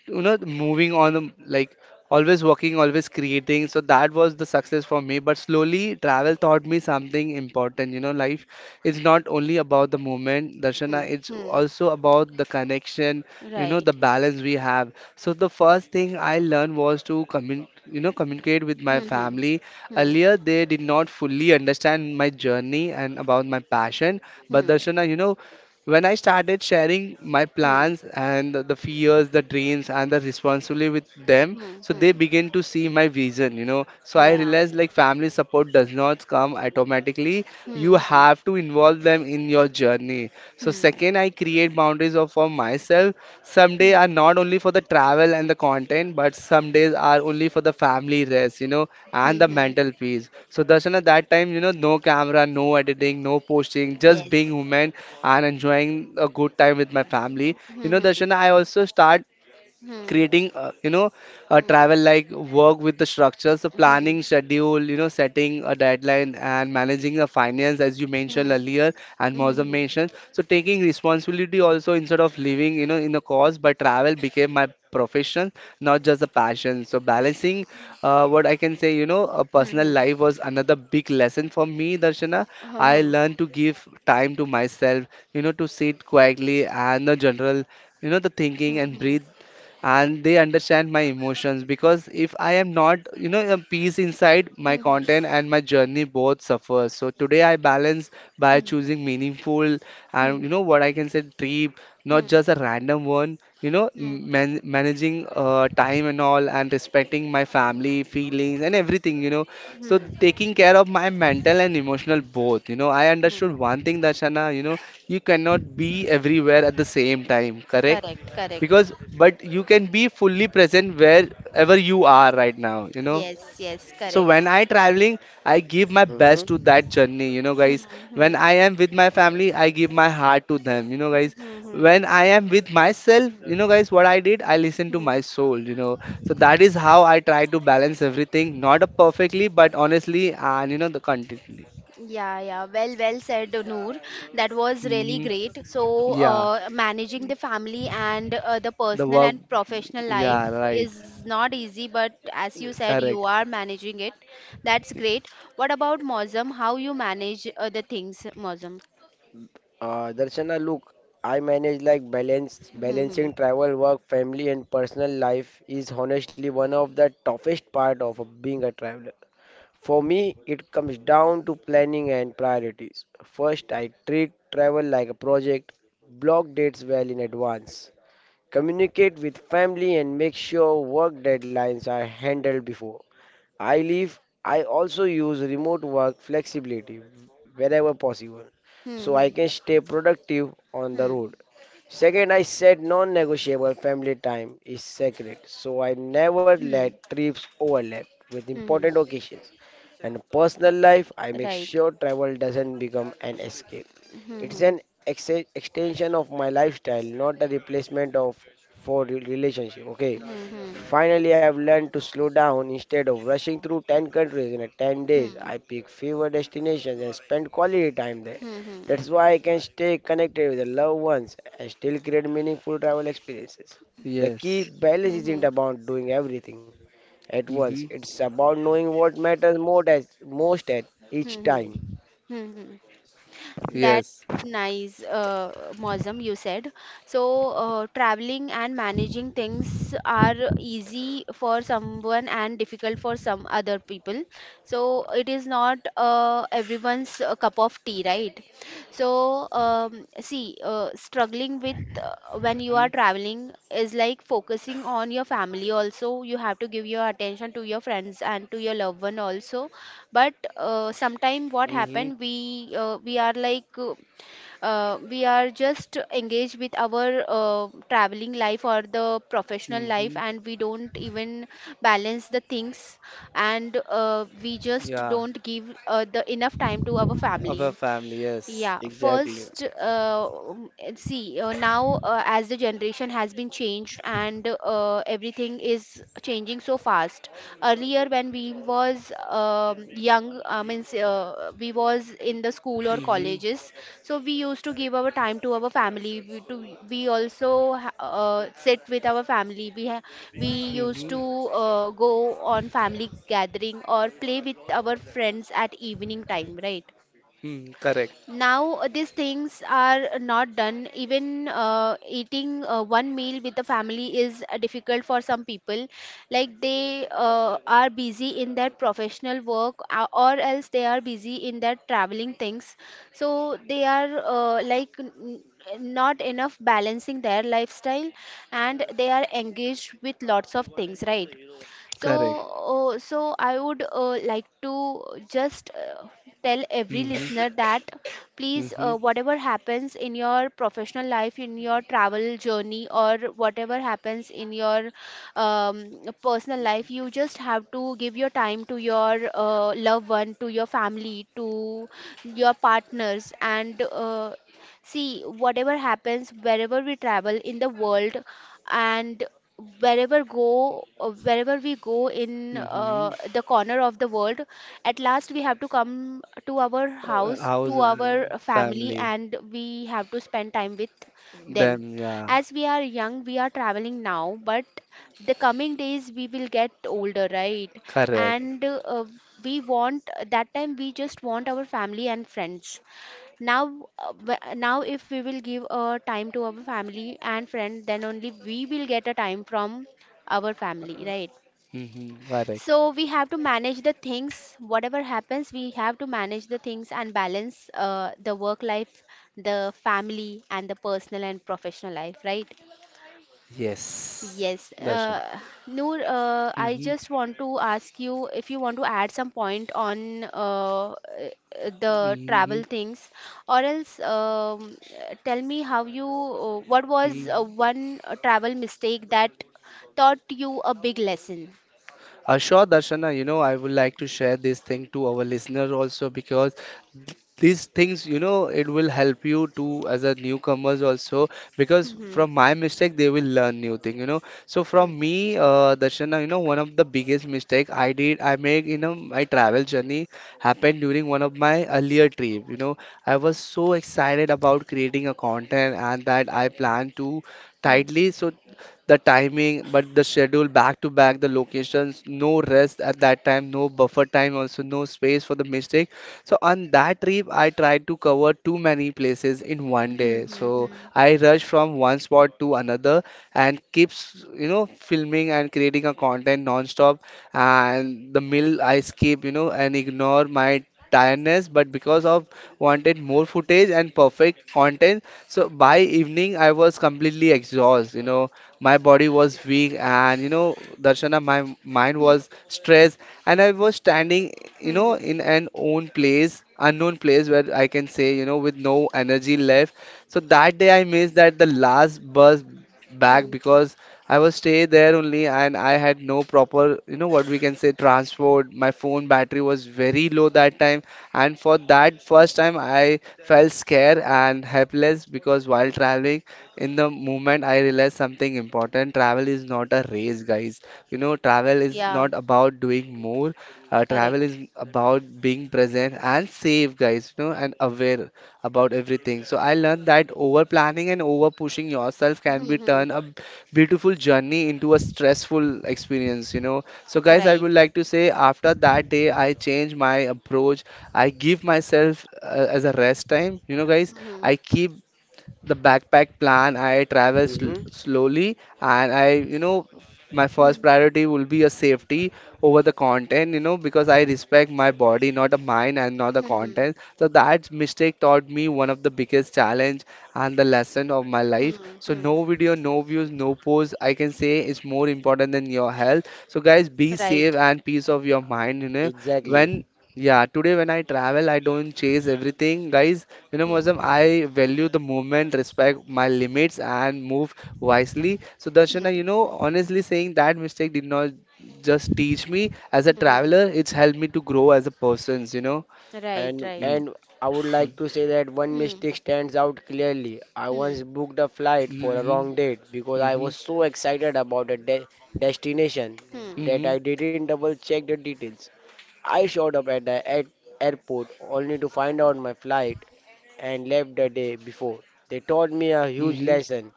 B: you know moving on, like always working, always creating. So that was the success for me. But slowly travel taught me something important, you know, life is not only about the moment, Darshana,
A: Hmm. Hmm.
B: it's
A: Hmm.
B: also about the connection, you know,
A: Right.
B: the balance we have. So the first thing I learned was to you know communicate with my
A: Hmm. Hmm.
B: family.
A: Hmm.
B: Earlier they did not fully understand my journey and about my passion. But
A: Hmm.
B: Darshana, you know, when I started sharing my
A: Hmm.
B: plans and the fears, the dreams, and the responsibility with them,
A: Hmm.
B: so
A: Hmm.
B: they begin to see my vision, you know. So I
A: Yeah.
B: realized like family support does not come automatically. You
A: Hmm. Hmm.
B: have to involve them in your journey. So
A: Hmm.
B: second, I create boundaries of for myself. Some days
A: Hmm.
B: are not only for the travel and the content, but some days are only for the family rest, you know, and
A: Hmm.
B: the
A: Hmm.
B: mental peace. So Darshan, at that time, you know, no camera, no editing, no posting, just being
A: Yes.
B: human and enjoying a good time with my family. You
A: Hmm.
B: know,
A: Hmm.
B: Darshan, I also start
A: Hmm.
B: creating you know a
A: Hmm.
B: travel like work with the structure, so
A: Hmm. Hmm.
B: planning schedule, you know, setting a deadline and managing the finance as you mentioned earlier and
A: Hmm. Hmm.
B: Mozam
A: Hmm.
B: mentioned, so taking responsibility also instead of living, you know, in the cause, but travel became my profession, not just a passion. So balancing what I can say, you know, a personal
A: Hmm.
B: life was another big lesson for me, Darshana.
A: Hmm. Hmm. Hmm.
B: I
A: Hmm.
B: learned to give time to myself, you know, to sit quietly and the general, you know, the thinking and breathe, and they understand my emotions, because if I am not, you know, a peace inside, my content and my journey both suffer. So today I balance by choosing meaningful and you know what I can say trip, not just a random one.
A: Hmm. Hmm.
B: Managing time and all, and respecting my family feelings and everything. So
A: Hmm.
B: taking care of my mental and emotional both. You know, I
A: Hmm.
B: understood one thing, Dashana. You know, you cannot be everywhere at the same time. Correct?
A: Correct, correct.
B: Because but you can be fully present wherever you are right now, you know.
A: Yes, yes,
B: So
A: correct.
B: when I traveling, I give my
C: Mhm.
B: best to that journey, you know guys.
A: Hmm. Hmm.
B: When I am with my family, I give my heart to them, you know guys.
A: Hmm. Hmm.
B: When I am with myself, you know guys, what I did, I listen to my
A: Hmm,
B: soul, you know. So that is how I try to balance everything, not a perfectly but honestly and you know the contently.
A: yeah, yeah. Well, well said, Noor. That was really
B: Hmm.
A: great. So,
B: Yeah.
A: managing the family and the
B: The
A: personal
B: work.
A: and professional life
B: Yeah, right.
A: is not easy, but as you said, you
B: Correct.
A: are managing it. That's great. What about Mozam? How you manage the things, Mozam?
C: Darshana, look, I manage like balance
A: Hmm, hmm,
C: balancing travel, work, family, and personal life is honestly one of the toughest part of being a traveler. For me, it comes down to planning and priorities. First, I treat travel like a project, block dates well in advance, communicate with family, and make sure work deadlines are handled before I leave. I also use remote work flexibility wherever possible
A: hmm,
C: so I
A: hmm,
C: can stay productive on the
A: hmm,
C: road. Second, I set non negotiable family time is sacred, so I never
A: hmm,
C: let trips overlap with
A: hmm,
C: important
A: hmm.
C: occasions. And
A: Uh,
C: personal life, I make
A: Right.
C: sure travel doesn't become an escape.
A: Hmm,
C: It's
A: hmm.
C: an extension of my lifestyle, not a replacement of for relationship. Okay. Finally, I've learned to slow down instead of rushing through 10 countries in a 10
A: Hmm.
C: days.
A: Hmm.
C: I pick fewer destinations and spend quality time there. That's why I can stay connected with the loved ones and still create meaningful travel experiences. The key
B: Yes.
C: balance isn't
A: Mm-hmm.
C: about doing everything at once.
B: Hmm.
C: It's about knowing what matters most at each
A: Mm-hmm.
C: time.
A: Mm-hmm. That
B: Yes.
A: nice, Mosam, you said. So, traveling and managing things are easy for someone and difficult for some other people. So, it is not everyone's cup of tea, right? So, see, struggling with when you are traveling is like focusing on your family also. You have to give your attention to your friends and to your loved one also, but sometime what
B: Hmm.
A: happened we are just engaged with our traveling life or the professional
B: Hmm.
A: life
B: Hmm.
A: and we don't even balance the things and we just
B: Yeah,
A: don't give the enough time to our
B: our
A: family.
B: family, yes.
A: Yeah,
C: Exactly.
A: first, see, now as the generation has been changed and everything is changing so fast. Earlier, when we was young, I means we was in the school or
B: Hmm.
A: colleges, so we used to give our time to our family. We also sit with our family. We used
B: Hmm.
A: to go on family gathering or play with our friends at evening time, right?
B: Hmm. Correct.
A: Now these things are not done. Even eating one meal with the family is difficult for some people. Like they are busy in their professional work, or else they are busy in their traveling things. So they are not enough balancing their lifestyle, and they are engaged with lots of things, right? so
B: Correct.
A: uh, so i would like to just tell every listener
B: Hmm.
A: that please,
B: Hmm.
A: whatever happens in your professional life, in your travel journey, or whatever happens in your um, personal life, you just have to give your time to your loved one, to your family, to your partners, and see. Whatever happens, wherever we travel in the world, and wherever go wherever we go in
B: Hmm.
A: the corner of the world, at last we have to come to our house,
B: How's
A: to our family,
B: family?
A: and we have to spend time with them.
B: Then, yeah,
A: As we are young, we are traveling now, but the coming days we will get older, right?
B: correct,
A: And we want that time, we just want our family and friends. now Now if we will give a time to our family and friend, then only we will get a time from our family, right?
B: hmm, correct.
A: So we have to manage the things, whatever happens, we have to manage the things and balance the work life, the family, and the personal and professional life, right?
B: Yes,
A: Yes.
B: Darshan.
A: Noor, I
B: Hmm.
A: just want to ask you if you want to add some point on the
B: Hmm.
A: travel things, or else tell me how what was
B: Hmm.
A: one travel mistake that taught you a big lesson?
B: Sure, Darshana, you know, I would like to share this thing to our listener also, because these things, you know, it will help you to as a newcomers also, because
A: Mm-hmm.
B: from my mistake they will learn new thing, you know. So
A: Hmm.
B: from me, Darshana, you know, one of the biggest mistake I make, you know, my travel journey happened during one of my earlier trip. You know, I was so excited about creating a content and that I planned to
A: Hmm.
B: tightly. So the timing, but the schedule back to back, the locations, no rest at that time, no buffer time, also no space for the mistake. So on that trip, I tried to cover too many places in one
A: Hmm,
B: day.
A: hmm,
B: So
A: hmm.
B: I rushed from one spot to another and keeps you know filming and creating a content non-stop. And the meal I skip, you know, and ignore my tiredness, but because of wanted more footage and perfect content, so by evening I was completely exhausted, you know, my body was weak, and you know, Darshana, my mind was stressed, and I was standing, you
A: Hmm, hmm,
B: know, in an own place, unknown place where I can say, you know, with no energy left. So that day I missed that the last bus back,
A: hmm.
B: because I was stay there only and I had no proper, you know, what we can say transport. My phone battery was very low that time, and for that first time I felt scared and helpless, because while traveling in the moment I realized something important. Travel is not a race, guys. You know, travel is
A: Yeah,
B: not about doing more. Travel
A: correct.
B: is about being present and safe, guys, you know, and aware about everything. So I learned that over planning and over pushing yourself can be
A: Hmm, hmm.
B: turn a beautiful journey into a stressful experience, you know. So, guys, I
A: Right.
B: would like to say after that day, I changed my approach. I give myself as a rest time, you know, guys.
A: Hmm,
B: I keep the backpack plan, I travel
C: Mm-hmm.
B: slowly, and I, you know, my
A: hmm,
B: first priority will be a safety over the content, you know, because I respect my body, not a mind and not the
A: hmm,
B: content. So that mistake taught me one of the biggest challenge and the lesson of my life.
A: hmm,
B: So
A: hmm.
B: no video, no views, no posts, I can say, is more important than your health. So guys, be
A: Right.
B: safe and peace of your mind, you know.
A: Hmm,
C: Exactly.
B: When yeah, today when I travel, I don't chase everything, guys. You know, Mozam,
A: hmm,
B: I value the moment, respect my limits, and move wisely. So, Darshana,
A: hmm,
B: you know, honestly saying, that mistake did not just teach me as a
A: hmm, hmm.
B: traveler, it's helped me to grow as a person, you know.
A: Right,
C: And
A: right.
B: Mm,
C: and I would
B: mm,
C: like to say that one
A: Hmm,
C: mistake stands out clearly. I
A: hmm,
C: once booked a flight for a
B: mhm,
C: wrong date because I was so excited about a de destination
A: hmm,
C: that
B: mhm,
C: I didn't double check the details. I showed up at the airport only to find out my flight and left the day before. They taught me a huge
B: mhm,
C: lesson.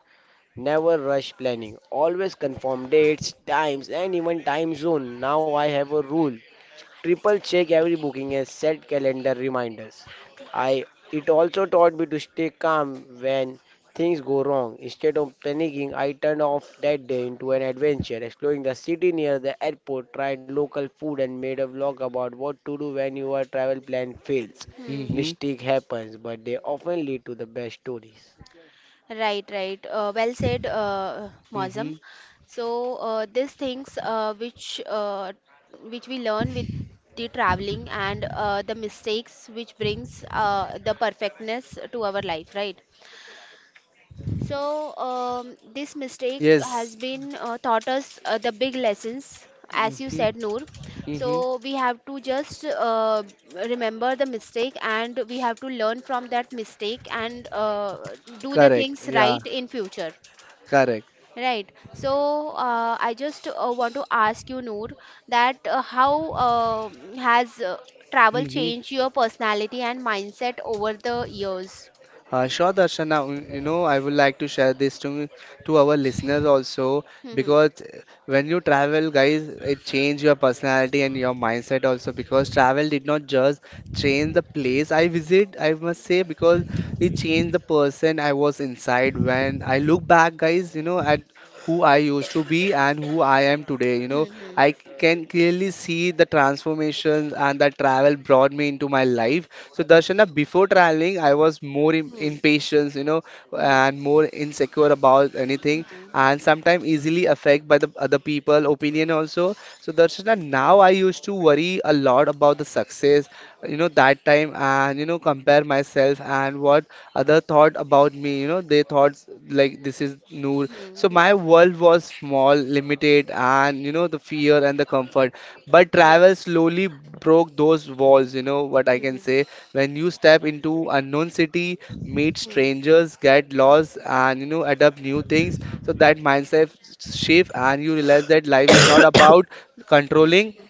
C: Never rush planning. Always confirm dates, times, and even time zone. Now I have a rule: triple check every booking and set calendar reminders. I It also taught me to stay calm when things go wrong. Instead of panicking, I turned off that day into an adventure, exploring the city near the airport, tried local food and made a vlog about what to do when your travel plan fails.
B: mhm,
A: hmm.
B: mhm,
C: Mistake happens, but they often lead to the best stories.
A: Right, right. Well said, Mozam.
B: mhm.
A: So these things which we learn with the traveling, and the mistakes which brings the perfectness to our life, right? So, this mistake has
B: Yes.
A: been taught us the big lessons, as you
B: Mhm,
A: said, Noor.
B: mhm.
A: So, we have to just remember the mistake, and we have to learn from that mistake and do the
B: Correct.
A: things
B: Yeah,
A: right in future.
B: correct.
A: Right. So, I just want to ask you, Noor, that how has travel
B: Mm-hmm.
A: changed your personality and mindset over the years?
B: Sure, Darshana, you know, I would like to share this to our listeners also,
A: Hmm.
B: because when you travel, guys, it change your personality and your mindset also, because travel did not just change the place I visit, I must say, because it changed the person I was inside. When I look back, guys, you know, at who I used to be and who I am today, you know,
A: Hmm. Hmm.
B: I can clearly see the transformations and that travel brought me into my life. So Darshana, before traveling, I was more
A: Hmm.
B: impatient, you know,
A: Hmm.
B: and more insecure about anything,
A: Hmm.
B: and sometimes easily affect by the other people opinion also. So Darshana, now I used to worry a lot about the success, you know, that time, and you know compare myself and what other thought about me. You know, they thought like this is Noor.
A: Hmm.
B: So
A: Hmm.
B: my world was small, limited, and you know the fear and the comfort, but travel
A: Yes.
B: slowly broke those walls, you know what I
A: Hmm.
B: can
A: Hmm.
B: say. When you step into unknown city, meet
A: Hmm.
B: strangers, get lost, and you know adapt new things, so that mindset shift and you realize that life is not about controlling,
A: Hmm.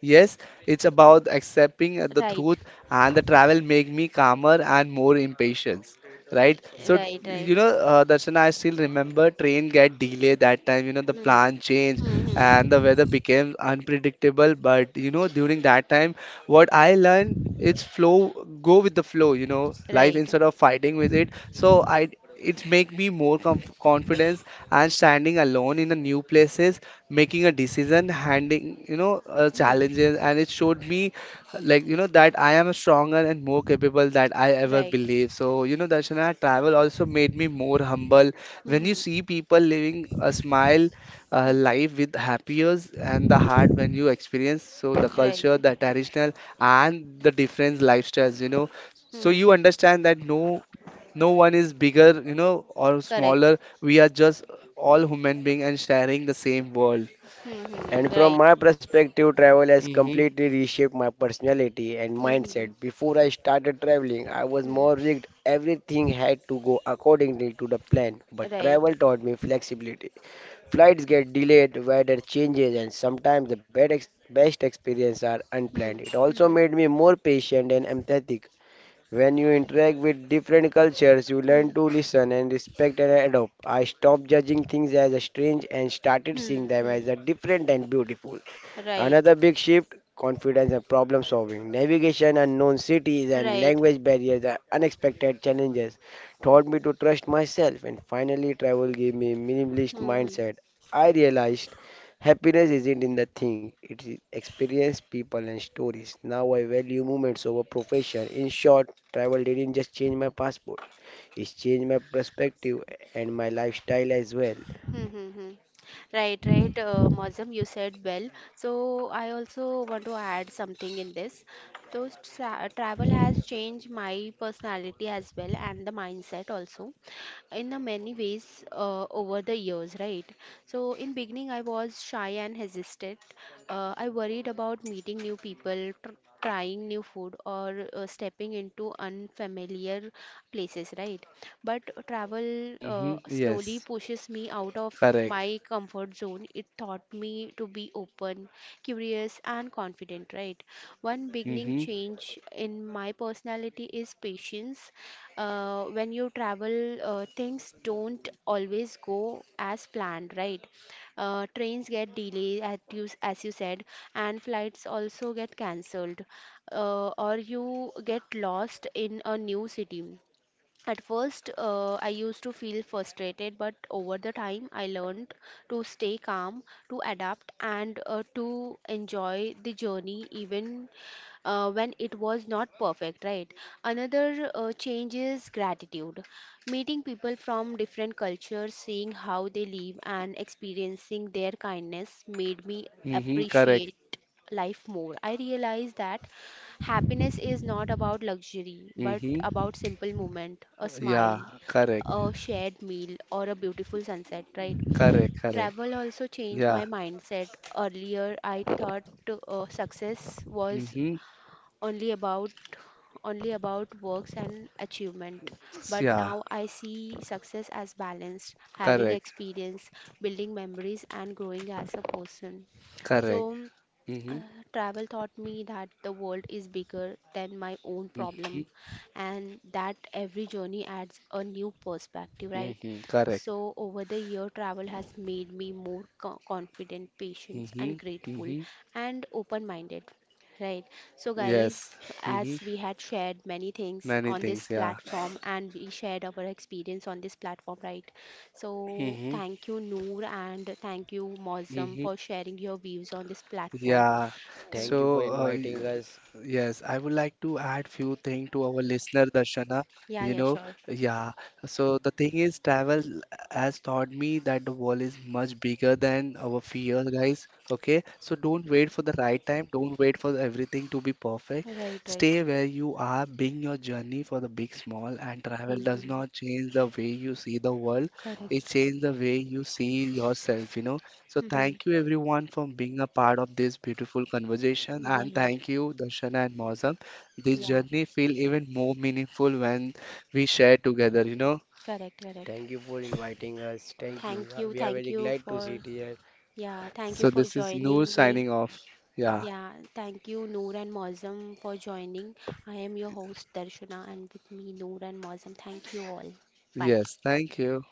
B: yes, it's about accepting the
A: Right.
B: truth, and the travel make me calmer and more impatient, right? So
A: Right. Right.
B: you know, Darshana, I still remember train get delayed that time. You know, the
A: Hmm.
B: plan changed
A: Hmm. Hmm.
B: and the weather became unpredictable. But you know, during that time, what I learned is flow, go with the flow. You know, life
A: Right.
B: instead of fighting with it. So I. It make me more comf confidence and standing alone in the new places, making a decision, handling you know
A: Hmm.
B: challenges, and it showed me like you know that I am stronger and more capable that I ever
A: Right.
B: believe. So you know, Darshana, travel also made me more humble.
A: Hmm.
B: When you
A: Hmm.
B: see people living a smile
A: Hmm.
B: life with happier and the heart, when you experience so the
A: Right.
B: culture, the traditional and the different lifestyles, you know,
A: Hmm.
B: so
A: Hmm.
B: you understand that no one is bigger, you know, or
A: Correct.
B: smaller. We are just all human being and sharing the same world.
A: Hmm. Hmm.
C: And from
A: Right.
C: my perspective, travel has
B: Mm-hmm.
C: completely reshaped my personality and
A: Hmm. Hmm.
C: mindset. Before I started traveling, I was
A: Hmm.
C: more rigged. Everything had to go accordingly to the plan. But
A: Right.
C: travel taught me flexibility. Flights get delayed, weather changes, and sometimes the best, best experiences are
A: Hmm.
C: unplanned. It also
A: Hmm.
C: made me more patient and empathetic. When you interact with different cultures, you
A: Hmm. Hmm.
C: learn to listen and respect and adopt. I stopped judging things as a strange and started
A: Hmm.
C: seeing them
A: Hmm.
C: as a different and beautiful. Another
A: Right.
C: big shift: confidence and problem solving. Navigation, unknown cities, and
A: Right.
C: language barriers are unexpected challenges taught me to trust myself, and finally, travel gave me minimalist
A: Hmm. Hmm.
C: mindset. I realized happiness isn't in the thing, it is experience, people, and stories. Now I value moments over profession. In short, travel didn't just change my passport, it changed my perspective and my lifestyle as well.
A: Hmm, hmm, hmm. Right, right, Mozam, you said well. So I also want to add something in this. So travel has changed my personality as well, and the mindset also, in the many ways over the years, right? So in beginning, I was shy and hesitant. I worried about meeting new people, tr trying new food, or stepping into unfamiliar places, right? But travel
B: Mm-hmm.
A: slowly
B: Yes,
A: pushes me out of
B: correct.
A: my comfort zone. It taught me to be open, curious, and confident, right? One beginning
B: Mm-hmm.
A: change in my personality is patience. When you travel, things don't always go as planned, right? Trains get delayed, at you, as you said, and flights also get cancelled, or you get lost in a new city. At first, I used to feel frustrated, but over the time, I learned to stay calm, to adapt, and to enjoy the journey even when it was not perfect, right? Another change is gratitude. Meeting people from different cultures, seeing how they live, and experiencing their kindness made me
B: Mm-hmm, correct.
A: appreciate life more. I realized that happiness is not about luxury, but
B: Mm-hmm.
A: about simple moment, a
B: Yeah,
A: smile,
B: correct.
A: a shared meal, or a beautiful sunset, right?
B: Correct, correct.
A: Travel also changed
B: Yeah.
A: my mindset. Earlier, I thought success was
B: Mm-hmm.
A: only about only about works and achievement, but
B: Yeah,
A: now I see success as balanced, having
B: correct.
A: experience, building memories, and growing as a person. So
B: Correct.
A: uh,
B: Mm-hmm.
A: travel taught me that the world is bigger than my own
B: Mm-hmm.
A: problem, and that every journey adds a new perspective, right?
B: Mm-hmm. Correct.
A: So, over the year, travel has made me more confident, patient,
B: Mm-hmm.
A: and grateful
B: Mm-hmm.
A: and open minded. Right. So,
B: Yes.
A: guys, as
B: Mm-hmm.
A: we had shared many things
B: Many
A: on this
B: things, yeah.
A: platform, and we shared our experience on this platform, right? So,
B: Mm-hmm.
A: thank you, Noor, and thank you, Mozum,
B: Mm-hmm.
A: for sharing your views on this platform.
B: Yeah.
C: Thank you for
B: So,
C: inviting us.
B: yes, I would like to add few thing to our listener, Darshana.
A: Yeah,
B: You
A: yeah,
B: know,
A: sure.
B: yeah. So the thing is, travel has taught me that the world is much bigger than our fear, guys. Okay. So don't wait for the right time. Don't wait for everything to be perfect.
A: Right, right.
B: Stay where you are, being your journey for the big, small, and travel does
A: Mm-hmm.
B: not change the way you see the world. It
A: Correct.
B: changes the way you see yourself. You know. So
A: Mm-hmm.
B: thank you everyone for being a part of this beautiful conversation, and
A: Yeah,
B: thank you Darshana and Mausam. This
A: yeah.
B: journey feel even more meaningful when we share together, you know.
A: Correct, correct.
C: Thank you for inviting us. Thank you. We are
A: Thank
C: very
A: you
C: glad to
A: for,
C: sit here.
A: yeah, thank you
B: So
A: for
B: this is Noor
A: joining me.
B: signing off. Yeah.
A: Yeah, thank you, Noor and Mozam, for joining. I am your host, Darshana, and with me, Noor and Mozam. Thank you all. Bye.
B: Yes, thank you.